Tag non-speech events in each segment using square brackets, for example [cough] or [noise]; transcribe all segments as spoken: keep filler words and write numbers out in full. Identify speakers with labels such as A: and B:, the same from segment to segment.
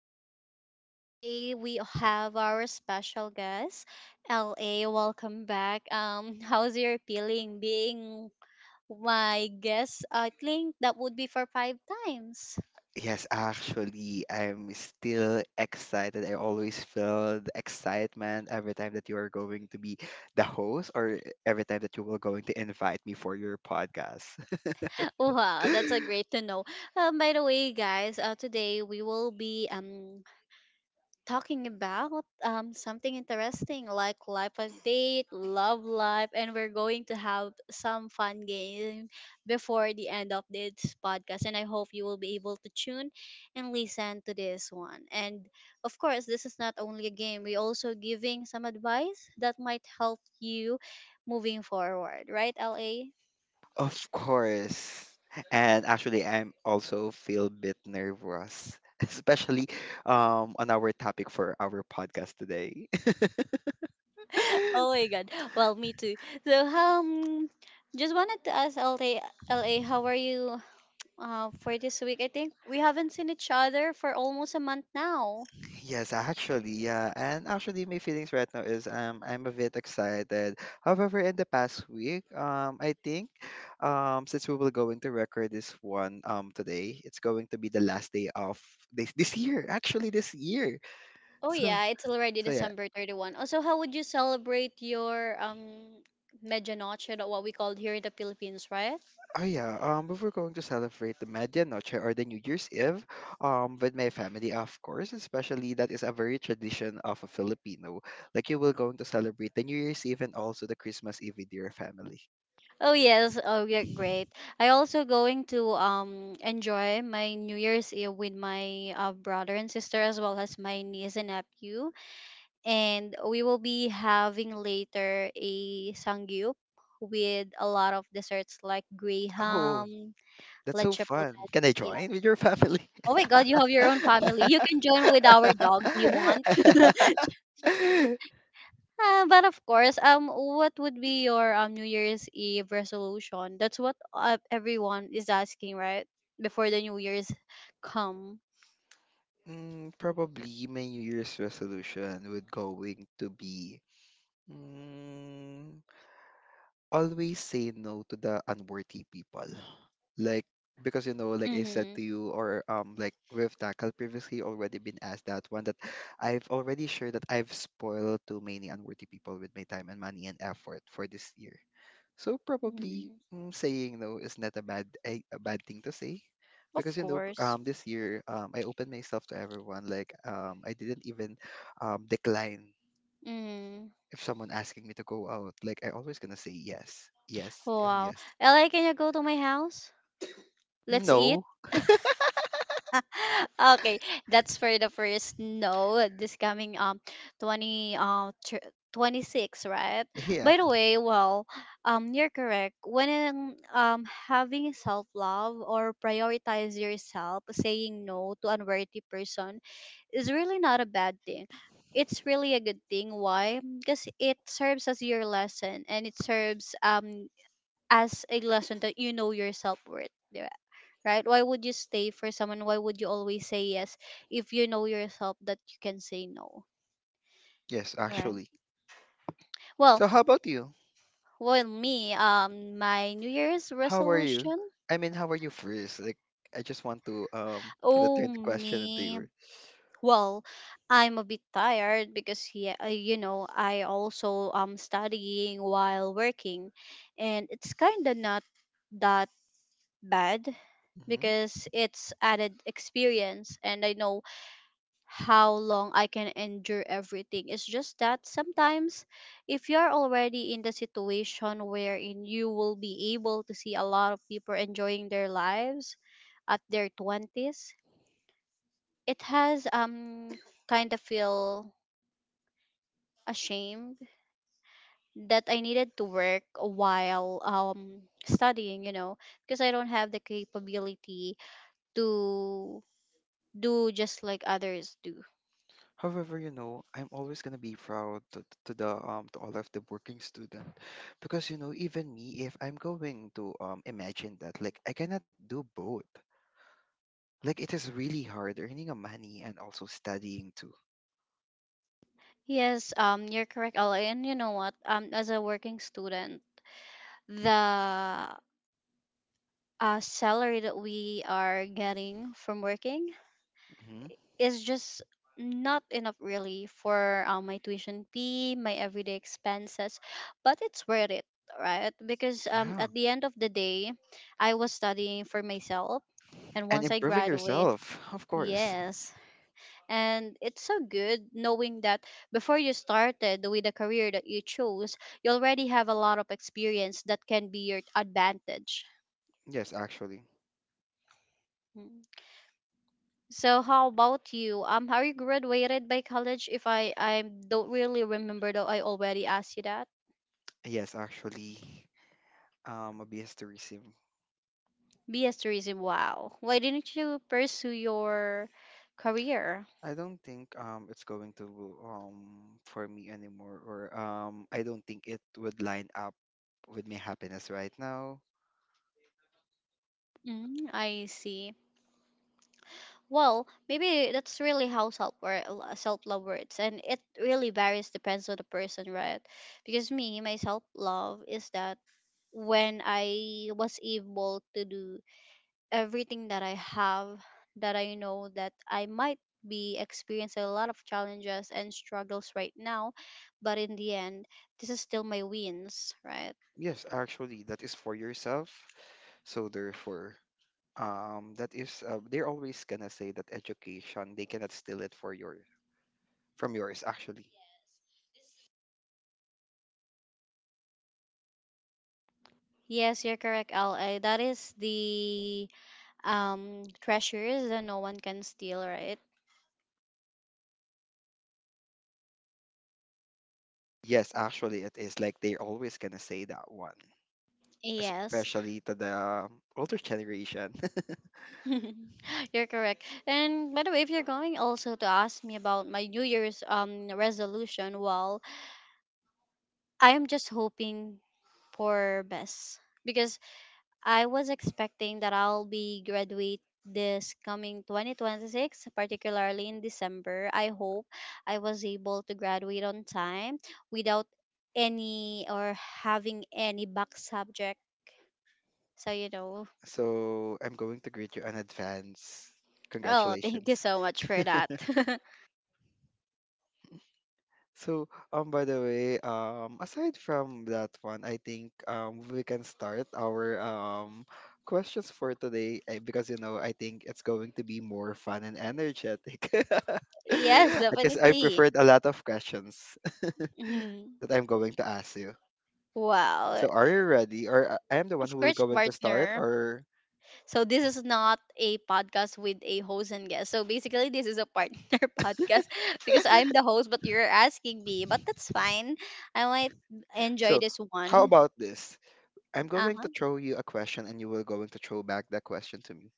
A: podcast. So, for today, we have our special guest, L A. Welcome back. Um, [laughs] how's your feeling being my guest? I think that would be for five times. [laughs]
B: Yes, actually, I'm still excited. I always feel the excitement every time that you are going to be the host or every time that you will going to invite me for your podcast.
A: Wow, that's a great
B: [laughs]
A: to know. Um, by the way, guys, uh, today we will be um talking about um, something interesting like life update, love life, and we're going to have some fun game before the end of this podcast. And I hope you will be able to tune and listen to this one. And of course, this is not only a game. We also giving some advice that might help you moving forward, right, L A?
B: Of course. And actually, I'm also feel bit nervous, [laughs] especially um on our topic for our podcast today.
A: Oh
B: [laughs]
A: my God. Well, me too. So um, just wanted to ask L A, L A, how are you? Uh, for this week, I think we haven't seen each other for almost a month now.
B: Yes, actually, yeah. And actually, my feelings right now is um I'm a bit excited. However, in the past week, um I think um since we will going to record this one um today, it's going to be the last day of this this year. Actually, this year.
A: Oh
B: So
A: yeah, it's already
B: so yeah.
A: December thirty-first. Also, how would you celebrate your um Medianoche, that what we called here in the Philippines, right?
B: Oh yeah, um, we were going to celebrate the Medianoche or the New Year's Eve, um, with my family, of course. Especially that is a very tradition of a Filipino. Like you will going to celebrate the New Year's Eve and also the Christmas Eve with your family. [laughs]
A: Oh yes, oh yeah, great. I also going to um enjoy my New Year's Eve with my uh, brother and sister as well as my niece and nephew, and we will be having later a sangyup with a lot of desserts like
B: Oh,
A: graham,
B: that's so
A: Leche
B: fun!
A: plan.
B: Can I
A: Yeah.
B: join with your family?
A: Oh my God, you have your own
B: [laughs]
A: family. You can join with our dog. Do you want? [laughs] Uh, but of course, um, what would be your um New Year's Eve resolution? That's what uh, everyone is asking, right? Before the New Year's come.
B: Mm, probably my New Year's resolution would going to be. Mm, Always say no to the unworthy people. Like because you know, like I said
A: Mm-hmm.
B: to you, or um, like with Takal previously already been asked that one that I've already shared that I've spoiled too many unworthy people with my time and money and effort for this year. So
A: Hmm.
B: probably mm, saying no is not a bad a, a bad thing to say.
A: Of
B: Because you know, p-
A: course.
B: um, this year um, I opened myself to everyone. Like um, I didn't even um, decline
A: Mm.
B: if someone asking me to go out, like I always gonna say yes, yes, and
A: Wow.
B: yes.
A: L A, can you go to my house? Let's eat.
B: No,
A: Okay, that's for the first no this coming um twenty uh tr- twenty-six, right?
B: [laughs] yeah,
A: By the way, well, um you're correct. When in- um having self-love or prioritize yourself, saying no to unworthy person is really not a bad thing. It's really a good thing. Why? Because it serves as your lesson and it serves um as a lesson that you know your self worth, right? Why would you stay for someone? Why would you always say yes if you know yourself that you can say no,
B: yes,
A: right?
B: actually.
A: Well,
B: So how about you?
A: well, me, um, my New Year's
B: How are you?
A: resolution.
B: I mean, how are you first? Like, I just want to um to
A: Oh
B: turn the question into
A: me.
B: your.
A: Well, I'm a bit tired because yeah, uh, you know, I also um studying while working, and it's kind of not that bad
B: Hmm.
A: because it's added experience, and I know how long I can endure everything. It's just that sometimes if you're already in the situation wherein you will be able to see a lot of people enjoying their lives at their twenties, it has um kind of feel ashamed that I needed to work while um studying, you know, because I don't have the capability to do just like others do.
B: However, you know, I'm always gonna be proud to, to the um to all of the working student, because you know even me if I'm going to um imagine that like I cannot do both. Like it is really hard earning a money and also studying too.
A: Yes, um, you're correct, Ella. And you know what? Um, as a working student, the uh, salary that we are getting from working
B: Hmm.
A: is just not enough really for uh, my tuition fee, my everyday expenses, but it's worth it, right? Because um,
B: Yeah.
A: at the end of the day, I was studying for myself, and
B: And
A: once I
B: improving
A: graduate.
B: yourself, of course.
A: Yes. And it's so good knowing that before you started with the career that you chose, you already have a lot of experience that can be your advantage.
B: Yes, actually.
A: Mm. So how about you? Um, are you graduated by college? If I I don't really remember though, I already asked you that.
B: Yes, actually. Um, a B S tourism.
A: B S tourism. Wow. Why didn't you pursue your career?
B: I don't think um it's going to um for me anymore or um I don't think it would line up with my happiness right now.
A: Mm, I see. Well, maybe that's really how self self love works, and it really varies depends on the person, right? Because me, my self love is that when I was able to do everything that I have, that I know that I might be experiencing a lot of challenges and struggles right now, but in the end, this is still my wins, right?
B: Yes, actually, that is for yourself. So therefore, um that is uh, they're always gonna say that education they cannot steal it for your from yours actually.
A: Yes, you're correct, Al. Uh, That is the um treasures that no one can steal, right?
B: Yes, actually, it is like they're always gonna say that one,
A: Yes.
B: especially to the older generation.
A: [laughs] You're correct. And by the way, if you're going also to ask me about my New Year's um resolution, well, I am just hoping for best because I was expecting that I'll be graduate this coming twenty twenty-six, particularly in December. I hope I was able to graduate on time without any or having any back subject, so you know.
B: [laughs] So I'm going to greet you in advance,
A: Oh, thank you
B: congratulations.
A: so much for that. [laughs]
B: So, um, by the way, um, aside from that one, I think um we can start our um questions for today, eh, because you know I think it's going to be more fun and energetic. [laughs]
A: Yes,
B: I guess I
A: definitely.
B: preferred a lot of questions [laughs]
A: Mhm.
B: that I'm going to ask you.
A: Wow.
B: So, are you ready? Or uh, I am the one who
A: Of
B: will
A: course,
B: going to start,
A: partner.
B: or
A: So this is not a podcast with a host and guest. So basically, this is a partner [laughs] podcast because I'm
B: [laughs]
A: the host, but you're asking me. But that's fine. I might enjoy
B: so
A: this
B: how
A: one.
B: about this? I'm
A: Uh
B: going to
A: huh.
B: throw you a question and you will going to throw back that question to me.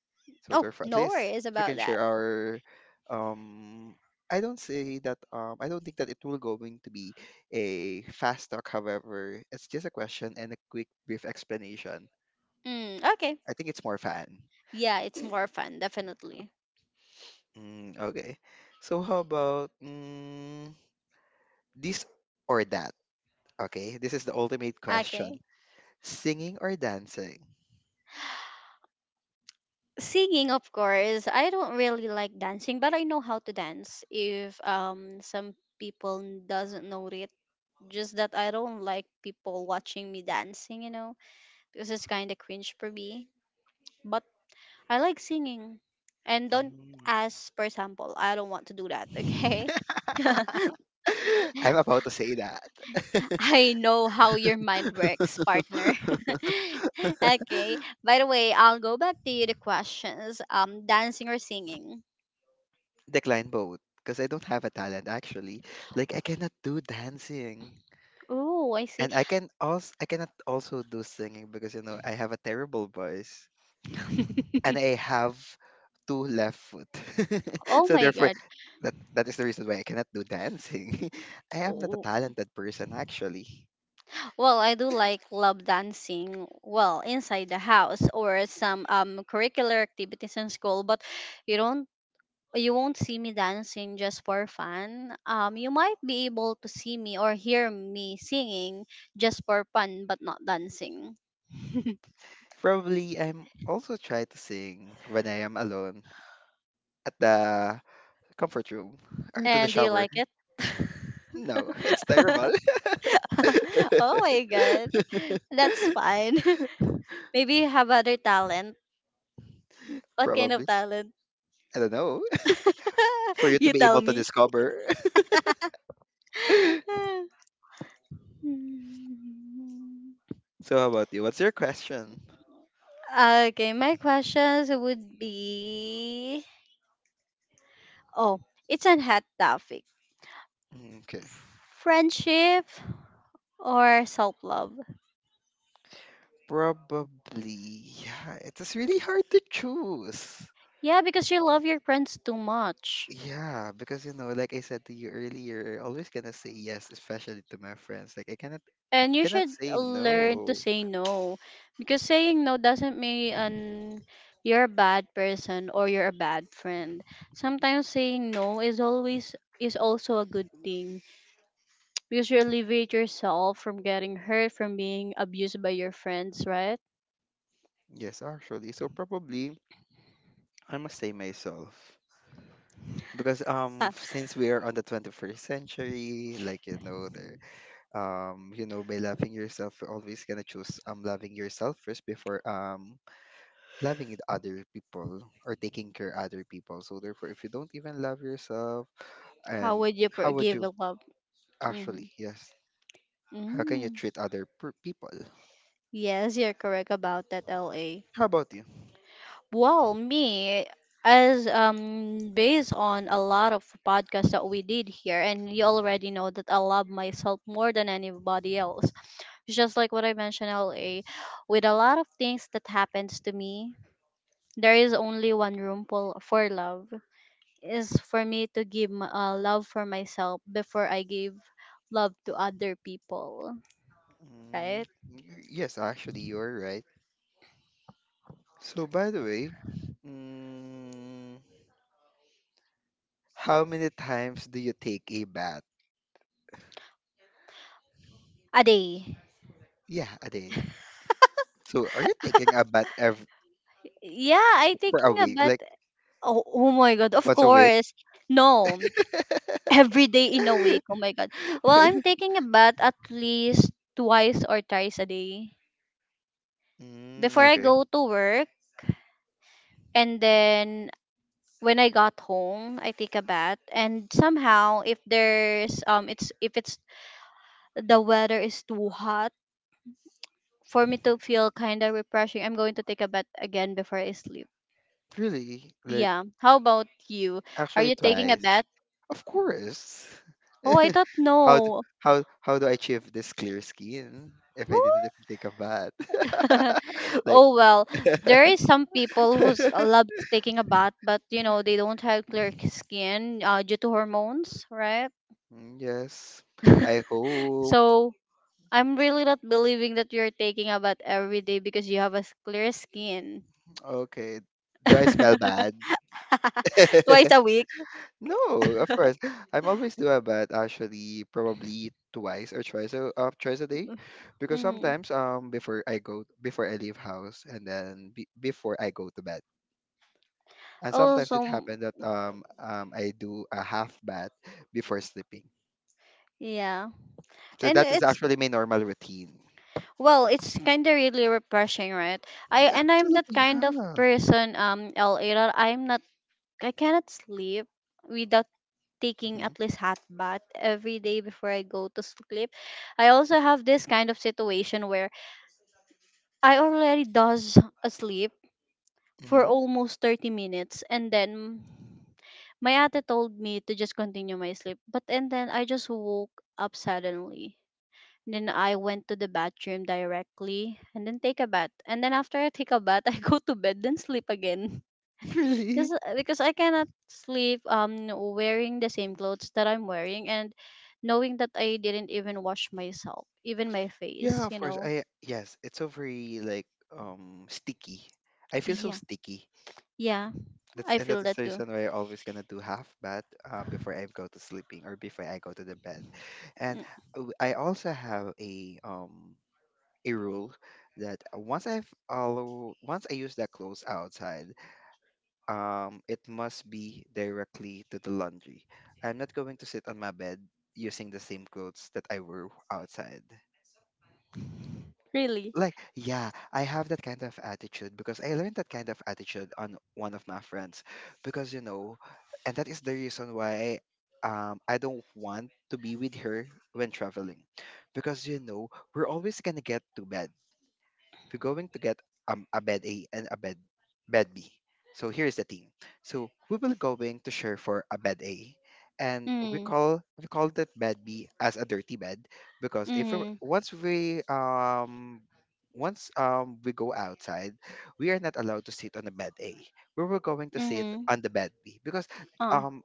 B: So
A: Oh,
B: therefore, at
A: no
B: least
A: worries
B: we
A: about
B: can
A: that.
B: share our um I don't say that um I don't think that it will going to be a fast talk, however, it's just a question and a quick brief explanation.
A: Mm, okay.
B: I think it's more fun.
A: Yeah, it's more fun, definitely.
B: Mm, okay. So how about mm, this or that? Okay, this is the ultimate
A: Okay.
B: question. Singing or dancing?
A: Singing, of course. I don't really like dancing, but I know how to dance. If um some people doesn't know it, just that I don't like people watching me dancing, you know, because it's kind of cringe for me. But I like singing, and don't ask for example. I don't want to do that. Okay,
B: [laughs] I'm about to say that.
A: [laughs] I know how your mind works, partner.
B: [laughs]
A: [laughs] Okay. By the way, I'll go back to you the questions. Um, dancing or singing.
B: Decline both because I don't have a talent actually. Like I cannot do dancing.
A: Oh, I see.
B: And I can also I cannot also do singing because you know I have a terrible voice. And I have two left foot. [laughs]
A: Oh
B: So
A: my
B: therefore,
A: god.
B: that that is the reason why I cannot do dancing. [laughs] I am not a
A: Oh,
B: talented person actually.
A: well, I do like love dancing, well, inside the house or some um curricular activities in school, but you don't you won't see me dancing just for fun. Um you might be able to see me or hear me singing just for fun but not dancing.
B: Probably I'm also try to sing when I am alone at the comfort room or to the
A: And do you
B: shower.
A: like it?
B: No, [laughs] it's terrible.
A: [laughs]
B: [laughs]
A: Oh my god. That's fine. [laughs] Maybe you have other talent. What kind of
B: Probably.
A: talent?
B: I don't know. [laughs] For you
A: [laughs]
B: to
A: You
B: be
A: tell
B: able to
A: me.
B: discover. [laughs] So
A: [laughs] Mm.
B: how about you? What's your question?
A: Okay, my questions would be. Oh, it's a hot topic.
B: Mm, okay.
A: Friendship or self love?
B: Probably. Yeah, it is really hard to choose.
A: Yeah, because you love your friends too much.
B: Yeah, because you know, like I said to you earlier, I always gonna say yes, especially to my friends. Like I cannot
A: And you
B: cannot
A: should
B: say
A: learn to
B: no.
A: say no. Because saying no doesn't mean an, you're a bad person or you're a bad friend. Sometimes saying no is always is also a good thing because you alleviate yourself from getting hurt, from being abused by your friends, right? [laughs]
B: Yes, actually. So probably I must say myself. Because um since we are on the twenty-first century, like, you know, there um you know by loving yourself, you're always gonna choose um loving yourself first before um loving it other people or taking care other people. So therefore, if you don't even love yourself,
A: How
B: and
A: would you
B: how would
A: forgive
B: you
A: a love? Mm-hmm.
B: actually? Yes, how can you
A: Mm.
B: treat other per- people?
A: Yes, you're correct about that, L A.
B: How about you?
A: Well, me, as um based on a lot of podcasts that we did here, and you already know that I love myself more than anybody else. Just like what I mentioned, L A, with a lot of things that happens to me, there is only one room for for love. Is for me to give my, uh, love for myself before I give love to other people, right?
B: Mm, y- yes, actually, you're right. So by the way, mm, how many times do you take a bath?
A: A day.
B: Yeah, a day. So are you taking a bath every
A: Yeah, I
B: for a
A: thinking
B: week?
A: about.
B: Like
A: Oh, oh my god, of
B: once a week?
A: course. No. Every day in a week. Oh my
B: [laughs]
A: god. Well, I'm taking a bath at least twice or thrice a day
B: Mm,
A: before I
B: okay.
A: go to work and then when I got home, I take a bath, and somehow if there's um, it's if it's the weather is too hot for me to feel kind of refreshing, I'm going to take a bath again before I sleep.
B: Really? Like
A: Yeah. How about you? Are
B: actually
A: you taking a
B: twice.
A: bath?
B: Of course.
A: Oh, I thought
B: [laughs] How do,
A: no.
B: how how do I achieve this clear skin if I didn't even take a bath?
A: [laughs]
B: [laughs] Like
A: Oh well, there is some people who's loves
B: [laughs]
A: taking a bath, but you know they don't have clear skin uh, due to hormones, right?
B: Mm, yes. I
A: [laughs]
B: hope.
A: So I'm really not believing that you're taking a bath every day because you have a s- clear skin.
B: Okay. Do I smell
A: [laughs]
B: bad?
A: Twice
B: [laughs]
A: a week.
B: No, of course. [laughs] I'm always do a bath actually probably twice or twice a uh, twice a day because
A: Hmm.
B: sometimes um before I go before I leave house and then be, before I go to bed. And sometimes
A: Also,
B: it happened that um um I do a half bath before sleeping.
A: yeah.
B: So
A: And
B: that is
A: it's
B: actually my normal routine.
A: well, it's kind of really refreshing, right? I
B: Yeah,
A: and I'm that
B: absolutely,
A: kind of
B: yeah.
A: person, um, L A, that I'm not I cannot sleep without taking
B: Hmm.
A: at least hot bath every day before I go to sleep. I also have this kind of situation where I already does asleep for
B: Hmm.
A: almost thirty minutes and then my ate told me to just continue my sleep. But and then I just woke up suddenly. And then I went to the bathroom directly and then take a bath. And then after I take a bath, [laughs] I go to bed then sleep again.
B: [laughs]
A: [laughs]
B: Really?
A: Just uh, because I cannot sleep um wearing the same clothes that I'm wearing and knowing that I didn't even wash myself, even my face,
B: Yeah, of
A: you
B: course.
A: know.
B: I Yes, it's so very like um sticky. I feel so
A: Yeah.
B: sticky.
A: Yeah.
B: That's
A: I
B: and
A: feel
B: that's
A: that
B: the
A: too.
B: reason why I always gonna do half bath um before I go to sleeping or before I go to the bed. And
A: Mm,
B: uh, I also have a um a rule that once I follow once I use that clothes outside, um, it must be directly to the laundry. I'm not going to sit on my bed using the same clothes that I wore outside.
A: really.
B: Like, yeah, I have that kind of attitude because I learned that kind of attitude on one of my friends. Because, you know, and that is the reason why um, I don't want to be with her when traveling. Because, you know, we're always going to get to bed we're going to get um, a bed A and a bed bed B. So here's the thing. So we will going to share for a bed A, and we
A: Mm.
B: call we call the bed B as a dirty bed, because if we
A: Mm-hmm.
B: once we um once um we go outside, we are not allowed to sit on the bed A. We were going to sit
A: Mm-hmm.
B: on the bed B because
A: Oh.
B: um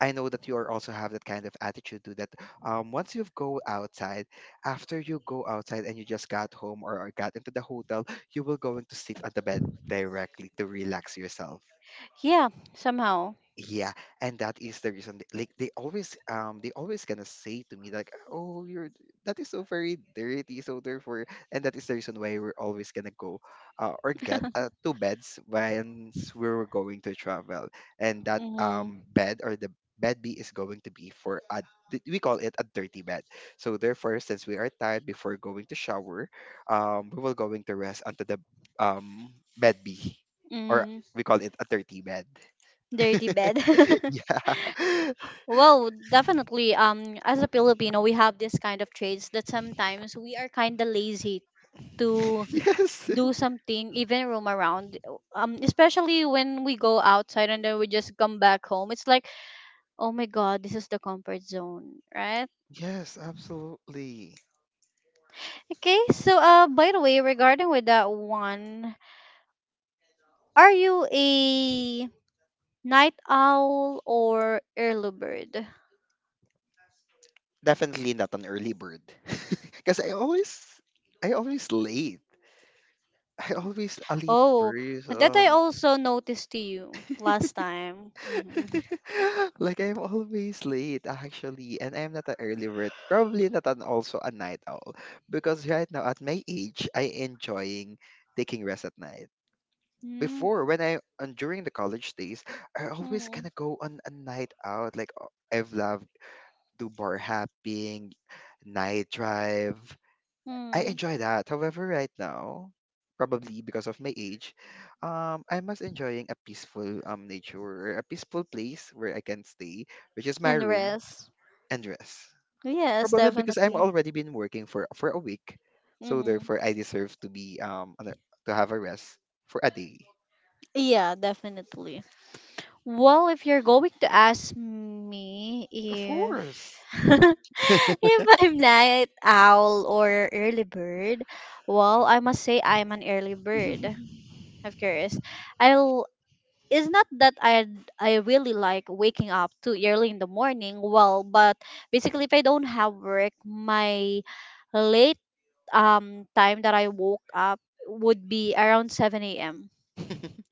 B: I know that you are also have that kind of attitude too. That um, once you go outside, after you go outside and you just got home or got into the hotel, you will going to sit on the bed directly to relax yourself.
A: Yeah. Somehow.
B: Yeah, and that is the reason. th- Like they always, um, they always gonna say to me like, "Oh, you're d- that is so very dirty." So therefore, and that is the reason why we're always gonna go, uh, or get uh,
A: [laughs]
B: two beds once we were going to travel, and that
A: Mm-hmm.
B: um bed or the bed B is going to be for a d- we call it a dirty bed. So therefore, since we are tired before going to shower, um, we will going to rest onto the um bed B, or
A: Mm-hmm.
B: we call it a dirty bed.
A: Dirty bed.
B: [laughs]
A: [laughs]
B: Yeah. [laughs]
A: Well, definitely. Um, as a Filipino, we have this kind of traits that sometimes we are kind of lazy to
B: Yes.
A: do something, even roam around. Um, especially when we go outside and then we just come back home. It's like, oh my God, this is the comfort zone, right?
B: Yes, absolutely.
A: Okay. So, uh, by the way, regarding with that one, are you a night owl or early bird?
B: Definitely not an early bird. [laughs] Because I always, I always late. I always a late
A: Oh, that I
B: person.
A: also noticed to you last
B: [laughs]
A: time. Mm-hmm.
B: [laughs] Like I'm always late actually, and I'm not an early bird. Probably not an also a night owl because right now at my age, I enjoying taking rest at night.
A: Mm.
B: Before when I and during the college days, I always
A: Mm.
B: kind of go on a night out. Like uh, I've loved do bar hopping, night drive. I
A: Mm.
B: enjoy that. However, right now, probably because of my age, um, I'm most enjoying a peaceful um nature, or a peaceful place where I can stay, which is my
A: And
B: room
A: rest.
B: and rest.
A: Yes,
B: Probably because I'm
A: definitely.
B: already been working for for a week, so
A: Mm-hmm.
B: therefore I deserve to be um on a- to have a rest for a day.
A: Yeah, definitely. Well, if you're going to ask me
B: Of
A: if
B: course.
A: [laughs] if I'm night owl or early bird, well, I must say I'm an early bird. Of course, I It's not that I I really like waking up too early in the morning. Well, but basically, if I don't have work, my late um time that I woke up would be around seven a m,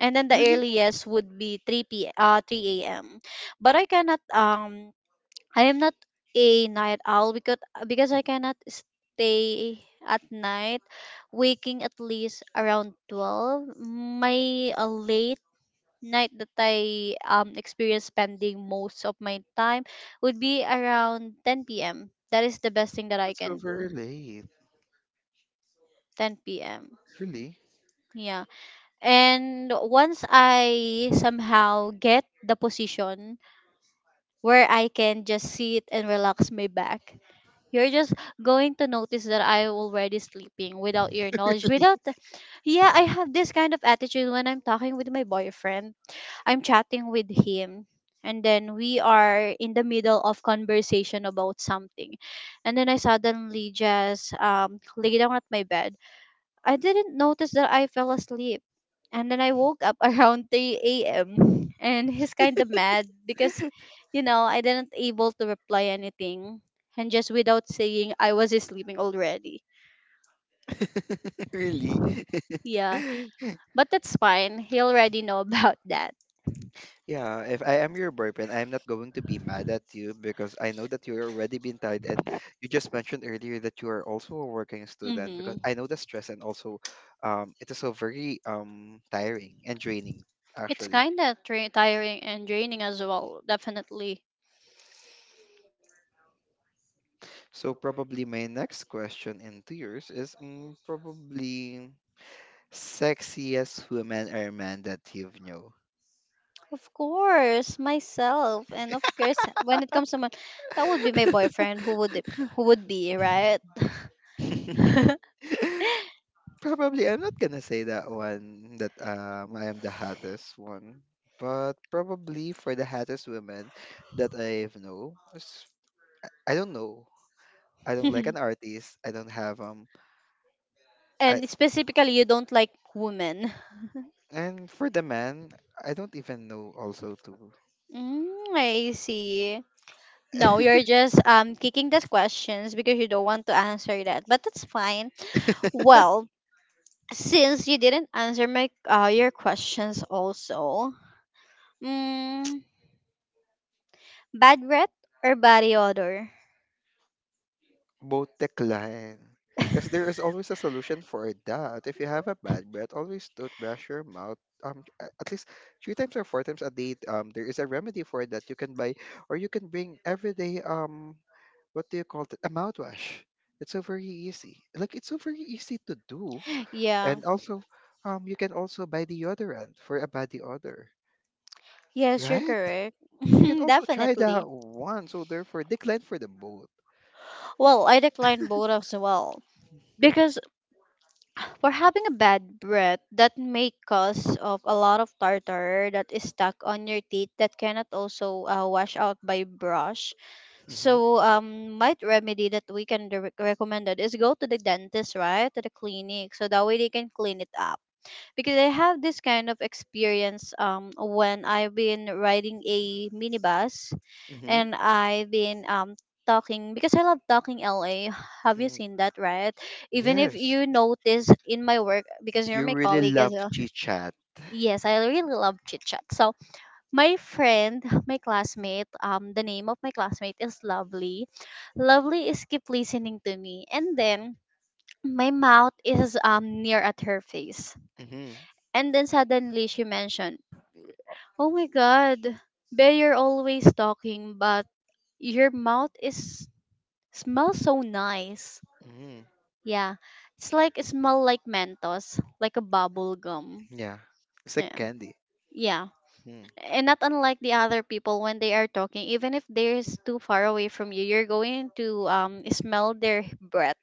A: and then the
B: Really?
A: earliest would be three p uh three a m. But I cannot um I am not a night owl because because I cannot stay at night waking at least around twelve. My uh, late night that I um experience spending most of my time would be around ten p m. That is the best thing that I
B: That's so
A: can
B: very
A: do.
B: late.
A: ten p m.
B: Really?
A: Yeah. And once I somehow get the position where I can just sit and relax my back, you're just going to notice that I'm already sleeping without your knowledge. Without,
B: [laughs]
A: Yeah, I have this kind of attitude when I'm talking with my boyfriend. I'm chatting with him, and then we are in the middle of conversation about something, and then I suddenly just um lay down at my bed. I didn't notice that I fell asleep. And then I woke up [laughs] around three a m, and he's kind of mad because, you know, I didn't able to reply anything and just without saying I was sleeping already.
B: Really?
A: Yeah, but that's fine. He already know [laughs] about that.
B: Yeah, if I am your boyfriend, I'm not going to be mad at you because I know that you're already been tired and you just mentioned earlier that you are also a working student because
A: Mm-hmm.
B: I know the stress and also um it is so very um tiring and draining
A: It's
B: actually.
A: kind of tra- tiring and draining as well, definitely.
B: So probably my next question into yours is mm, probably sexiest women or men that you've know.
A: Of course, myself, and of course, when it comes to my, that would be my boyfriend who would it- who would be right.
B: [laughs]
A: [laughs]
B: probably I'm not gonna say that one that um I am the hottest one, but probably for the hottest women that I've know, is- I don't know. I don't like an artist. I don't have um. I
A: And specifically, you don't like women.
B: And for the man, I don't even know also too.
A: Mm, I see. No, you're just um kicking those questions because you don't want to answer that. But that's fine.
B: [laughs]
A: Well, since you didn't answer my uh, your questions also. Mm, bad breath or body odor?
B: Both decline. Because there is always a solution for that. If you have a bad breath, always toothbrush your mouth. Um, a- at least three times or four times a day. Um, there is a remedy for that. You can buy, or you can bring every day. Um, what do you call it? A mouthwash. It's so very easy. Like it's so very easy to do.
A: Yeah.
B: And also, um, you can also buy deodorant for a body odor,
A: Yes, you're
B: right?
A: correct. [laughs]
B: You can also try that
A: Definitely.
B: one. So therefore, decline for the both.
A: Well, I decline both as well. Because for having a bad breath that may cause of a lot of tartar that is stuck on your teeth that cannot also uh, wash out by brush.
B: hmm
A: So, um, might remedy that we can re- recommended is go to the dentist, right, to the clinic, so that way they can clean it up. Because I have this kind of experience, um, when I've been riding a minibus
B: Mm-hmm.
A: and I've been um talking because I love talking, L A. Have you
B: hmm
A: seen that, right? Even if
B: Yes.
A: you notice in my work, because you're
B: You
A: my
B: really
A: colleague as
B: love
A: well.
B: chit chat.
A: Yes, I really love chit chat. So my friend, my classmate, um, the name of my classmate is Lovely. Lovely is keep listening to me, and then my mouth is um near at her face,
B: Mm-hmm.
A: and then suddenly she mentioned, "Oh my God, Bea, you're always talking, but your mouth is smells so nice.
B: Mm-hmm.
A: Yeah, it's like it smell like Mentos, like a bubble gum.
B: Yeah. It's like
A: Yeah,
B: candy.
A: yeah."
B: Mm.
A: And not unlike the other people when they are talking, even if they're s- too far away from you, you're going to um smell their breath,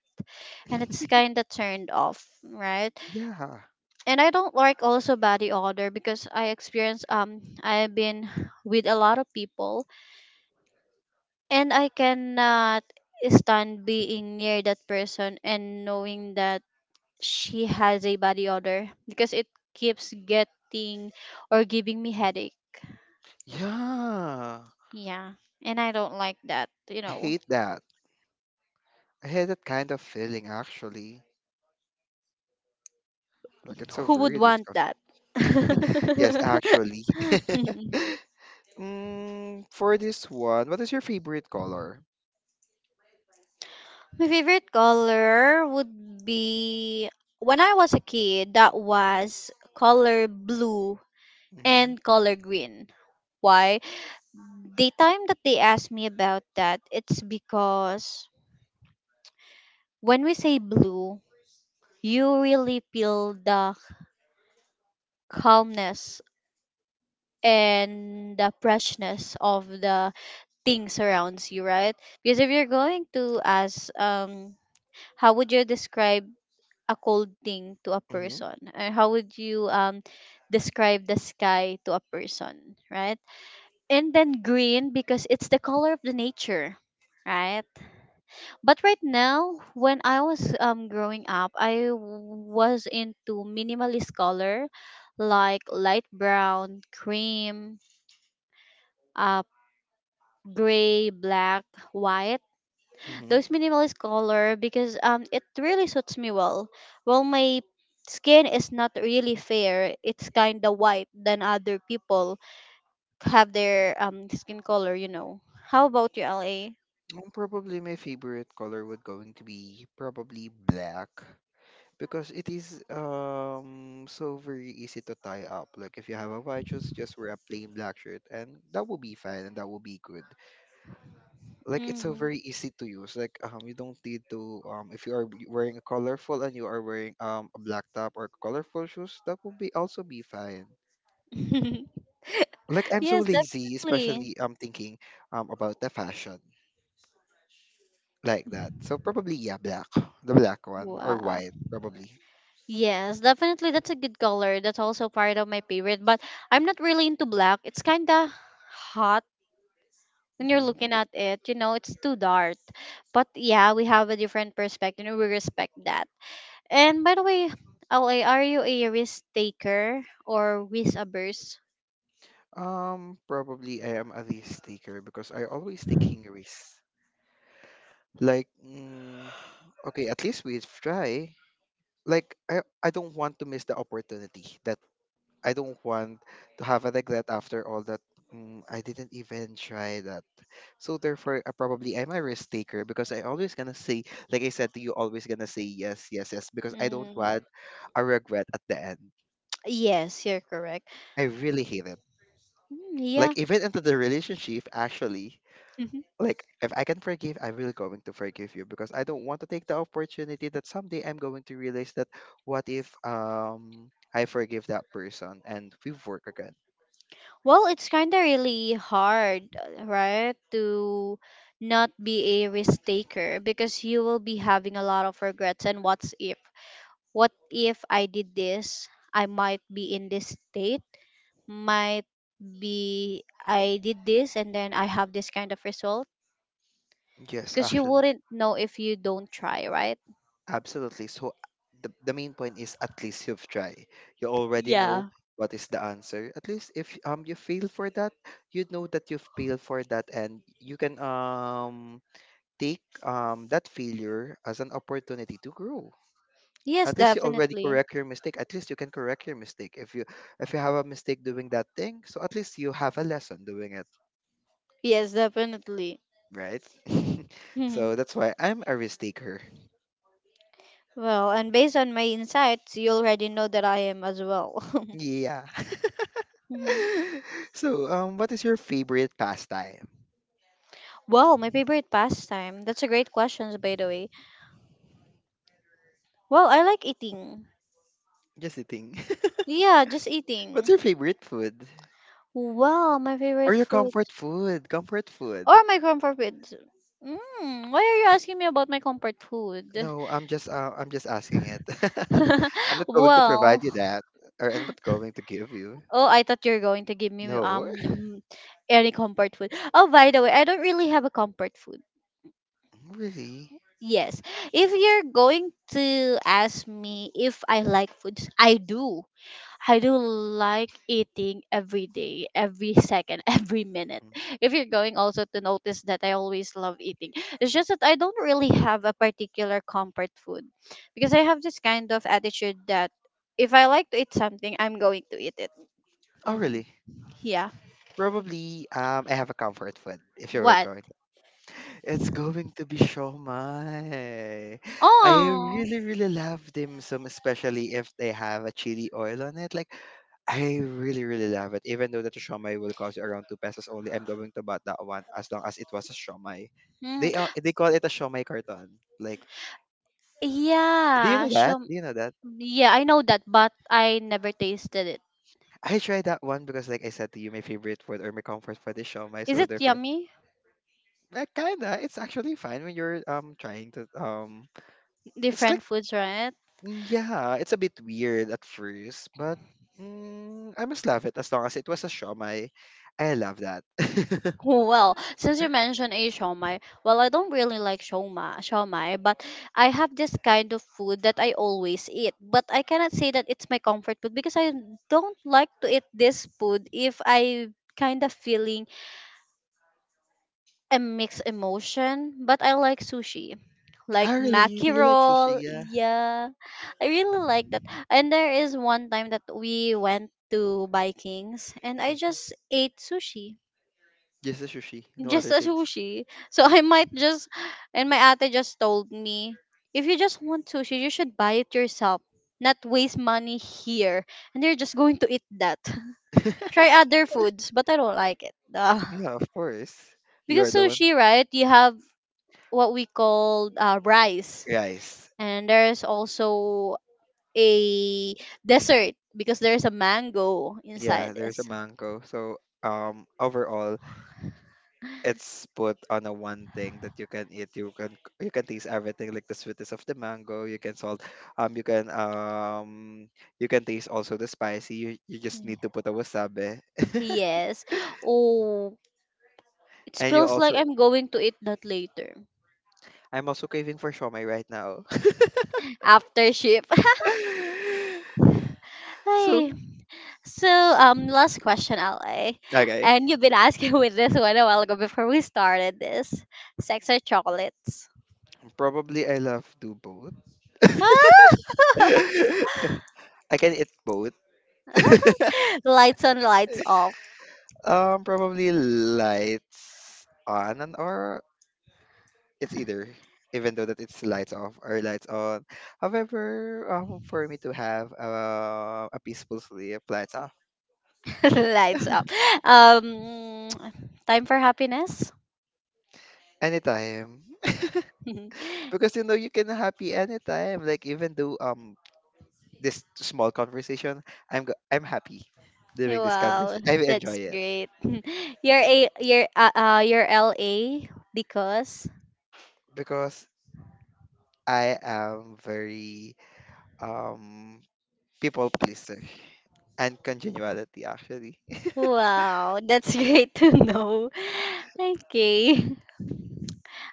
A: and it's kind
B: [laughs]
A: of turned off, right?
B: Yeah.
A: And I don't like also body odor because I experience, um I've been [sighs] with a lot of people, and I cannot stand being near that person and knowing that she has a body odor because it keeps getting or giving me headache.
B: Yeah.
A: Yeah, and I don't like that, you
B: I
A: know.
B: hate that. I hate that kind of feeling actually. Like it's so
A: Who would
B: very
A: want
B: disgusting.
A: that?
B: [laughs]
A: [laughs]
B: Yes, actually. [laughs] Mm, for this one, what is your favorite color?
A: My favorite color would be, when I was a kid, that was color blue
B: Mm-hmm.
A: and color green. Why? The time that they asked me about that, it's because when we say blue, you really feel the calmness and the freshness of the things surrounds you, right? Because if you're going to ask, um how would you describe a cold thing to a
B: Mm-hmm.
A: person? And how would you um describe the sky to a person, right? And then green because it's the color of the nature, right? But right now, when I was um growing up, I was into minimalist color like light brown, cream, uh gray, black, white,
B: Mm-hmm.
A: those minimalist color because um it really suits me well. Well, my skin is not really fair. It's kind of white than other people have their um skin color, you know. How about you, L A?
B: Um, probably my favorite color would going to be probably black because it is um so very easy to tie up. Like if you have a white shoes, just wear a plain black shirt and that will be fine and that will be good. Like it's so
A: Mm.
B: very easy to use. Like um you don't need to um if you are b- wearing a colorful and you are wearing um a black top or colorful shoes, that will be also be fine.
A: [laughs]
B: Like I'm so
A: Yes,
B: lazy,
A: definitely.
B: especially um thinking um about the fashion. Like that. So probably yeah, black, the black one or
A: Wow.
B: white probably.
A: Yes, definitely that's a good color. That's also part of my favorite, but I'm not really into black. It's kind of hot when you're
B: hmm
A: looking at it, you know, it's too dark. But yeah, we have a different perspective and we respect that. And by the way, L A, are you a risk taker or risk averse?
B: Um, probably I am a risk taker because I always taking risks. Like, mm, okay, at least we try. Like, I I don't want to miss the opportunity. That I don't want to have a regret after all that. Mm, I didn't even try that. So therefore, uh, probably I'm a risk taker because I always gonna say, like I said to you, always gonna say yes, yes, yes, because I don't
A: Mm,
B: want a regret at the end.
A: yes, you're correct.
B: I really hate it.
A: Mm, yeah.
B: Like even into the relationship, actually,
A: [laughs]
B: like if I can forgive, I'm really going to forgive you because I don't want to take the opportunity that someday I'm going to realize that what if um I forgive that person and we work again.
A: Well, it's kind of really hard, uh, right, to not be a risk taker because you will be having a lot of regrets. And what's if? What if I did this? I might be in this state. Might be I did this and then I have this kind of result
B: Yes,
A: because you
B: actually.
A: wouldn't know if you don't try, right?
B: Absolutely. So the, the main point is at least you've tried. You already know
A: Yeah.
B: what is the answer. At least if um you fail for that, you know that you've failed for that and you can um take um that failure as an opportunity to grow.
A: Yes,
B: At least you already
A: definitely.
B: correct your mistake. At least you can correct your mistake. If you if you have a mistake doing that thing, so at least you have a lesson doing it,
A: Yes, definitely.
B: right? [laughs]
A: Mhm.
B: so that's why I'm a risk taker.
A: Well, and based on my insights, you already know that I am as well. [laughs]
B: Yeah. [laughs]
A: Mhm.
B: [laughs] So, um, what is your favorite pastime?
A: Well, my favorite pastime. That's a great question, by the way. Well, I like eating.
B: Just a thing. [laughs]
A: Yeah, just
B: What's
A: eating.
B: your favorite food?
A: Well, my
B: Or
A: favorite
B: your
A: food
B: comfort food? Comfort food.
A: or my comfort food. Mm, why are you asking me about my comfort food?
B: No, I'm just uh, I'm just asking it. [laughs] I'm
A: [laughs]
B: not going to provide
A: Well,
B: you that, or I'm not going to give you.
A: oh, I thought you were going to give me
B: No,
A: um mm, any comfort food. Oh, by the way, I don't really have a comfort food.
B: [laughs] really?
A: Yes. If you're going to ask me if I like foods, I do. I do like eating every day, every second, [laughs] every minute.
B: Mm.
A: If you're going also to notice that I always love eating, it's just that I don't really have a particular comfort food because I have this kind of attitude that if I like to eat something, I'm going to eat it.
B: Oh,
A: Hmm.
B: really?
A: Yeah.
B: Probably. Um, I have a comfort food. If you were
A: What?
B: going It's going to be siomai. I
A: Oh.
B: really, really love dim sum, especially if they have a chili oil on it. Like, I really, really love it. Even though that the siomai will cost you around two pesos only, I'm going to buy that one as long as it was a siomai.
A: Mhm.
B: They uh, they call it a siomai carton. Like, do you
A: Yeah.
B: know that?
A: Show
B: Do you know that?
A: Yeah, I know that, but I never tasted it.
B: I tried that one because, like I said to you, my favorite food or my comfort food is siomai.
A: Is
B: So
A: it
B: therefore,
A: yummy?
B: uh, kinda, it's actually fine when you're um trying to um It's like
A: Different foods, right? [laughs]
B: Mm, yeah, it's a bit weird at first, but mm, I must love it as long as it was a shawmai. I love that. [laughs]
A: Oh, well, since you mentioned a shawmai, well, I don't really like shawmai, shawmai, but I have this kind of food that I always eat. But I cannot say that it's my comfort food because I don't like to eat this food if I kind of feeling a mixed emotion, but I like sushi.
B: Ah,
A: Like
B: really? Do
A: maki
B: you like sushi?
A: roll,
B: Yeah.
A: yeah. I really like that. And there is one time that we went to Vikings and I
B: Mhm.
A: just ate sushi.
B: Just the sushi, no
A: Just
B: other
A: a
B: things.
A: sushi. [laughs] So I might just, and my ate just told me, if you just want sushi, you should buy it yourself. Not waste money here. And you're just going to eat that. [laughs] Try
B: [laughs]
A: other foods, but I don't like it. Duh.
B: Yeah, of course. You
A: Because
B: are the one.
A: sushi, right? You have what we call uh, rice,
B: Rice.
A: and there's also a dessert because there's a mango
B: Yeah,
A: inside
B: there's a
A: this.
B: mango. So um overall it's put on a one thing that you can eat. You can you can taste everything like the sweetness of the mango, you can salt um you can um you can taste also the spicy. You you just
A: Mm.
B: need to put a wasabi. [laughs]
A: Yes. Oh, it
B: And you
A: feels like
B: also
A: I'm going to eat that later
B: I'm also craving for shomai right now.
A: after shift. [laughs]
B: [laughs] so
A: Hey. So,
B: s-
A: um last question, LA,
B: okay.
A: and you've been asking [laughs] with this one a while ago before we started this. Sex or chocolates?
B: Probably I love do both. [laughs] I can eat both. [laughs]
A: [laughs] Lights on, lights off?
B: Um, probably lights on and or it's either, even though that it's lights off or lights on. However, um, for me to have uh, a peaceful sleep, lights off
A: [laughs] Lights up. um [tsk] time for happiness.
B: anytime, [laughs]
A: [laughs]
B: because you know you can happy anytime. Like even though um this small conversation, I'm go- I'm happy doing this
A: Wow,
B: conversation. I
A: that's
B: enjoy it
A: great. [laughs] You're a you're uh, uh You're L A because
B: because I am very um people pleaser and congeniality actually. [laughs]
A: wow, that's [laughs] great to know. [laughs] Okay.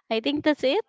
A: I think that's it.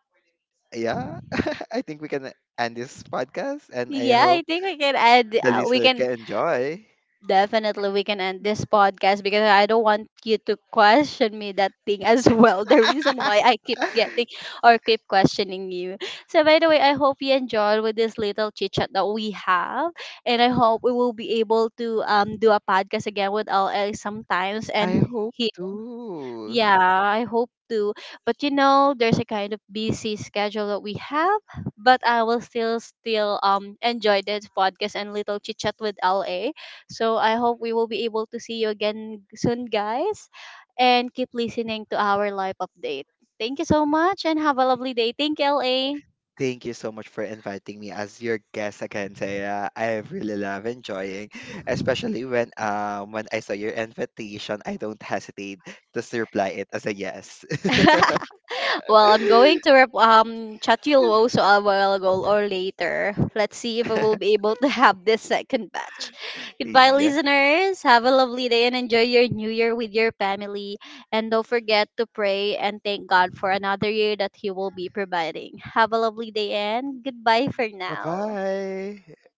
B: Yeah, [laughs] I think we can end this podcast and I
A: Yeah,
B: hope
A: I think we can add
B: the
A: uh, we
B: listener
A: can.
B: can enjoy.
A: Definitely, we can end this podcast because I don't want you to question me that thing as [laughs] well. The reason why
B: [laughs]
A: I keep getting or keep questioning you. So, by the way, I hope you enjoyed with this little chit chat that we have, and I hope we will be able to um do a podcast again with L A sometimes
B: I
A: and.
B: hope
A: He,
B: too.
A: yeah, I hope to. But you know, there's a kind of busy schedule that we have, but I will still still um enjoy this podcast and little chit chat with L A. So I hope we will be able to see you again soon, guys. And keep listening to our live update. Thank you so much and have a lovely day. Thank you,
B: Thank you so much for inviting me as your guest again, Taya. I really love enjoying, especially when um when I saw your invitation, I don't hesitate to reply it as a yes.
A: L A. [laughs] Well, I'm going
B: [laughs]
A: to rep- um chat you low so I will go or later. Let's see if I will be
B: [laughs]
A: able to have this second batch. Goodbye,
B: Yeah.
A: listeners. Have a lovely day and enjoy your new year with your family. And don't forget to pray and thank God for another year that He will be providing. Have a lovely day and goodbye for
B: Bye
A: now.
B: bye.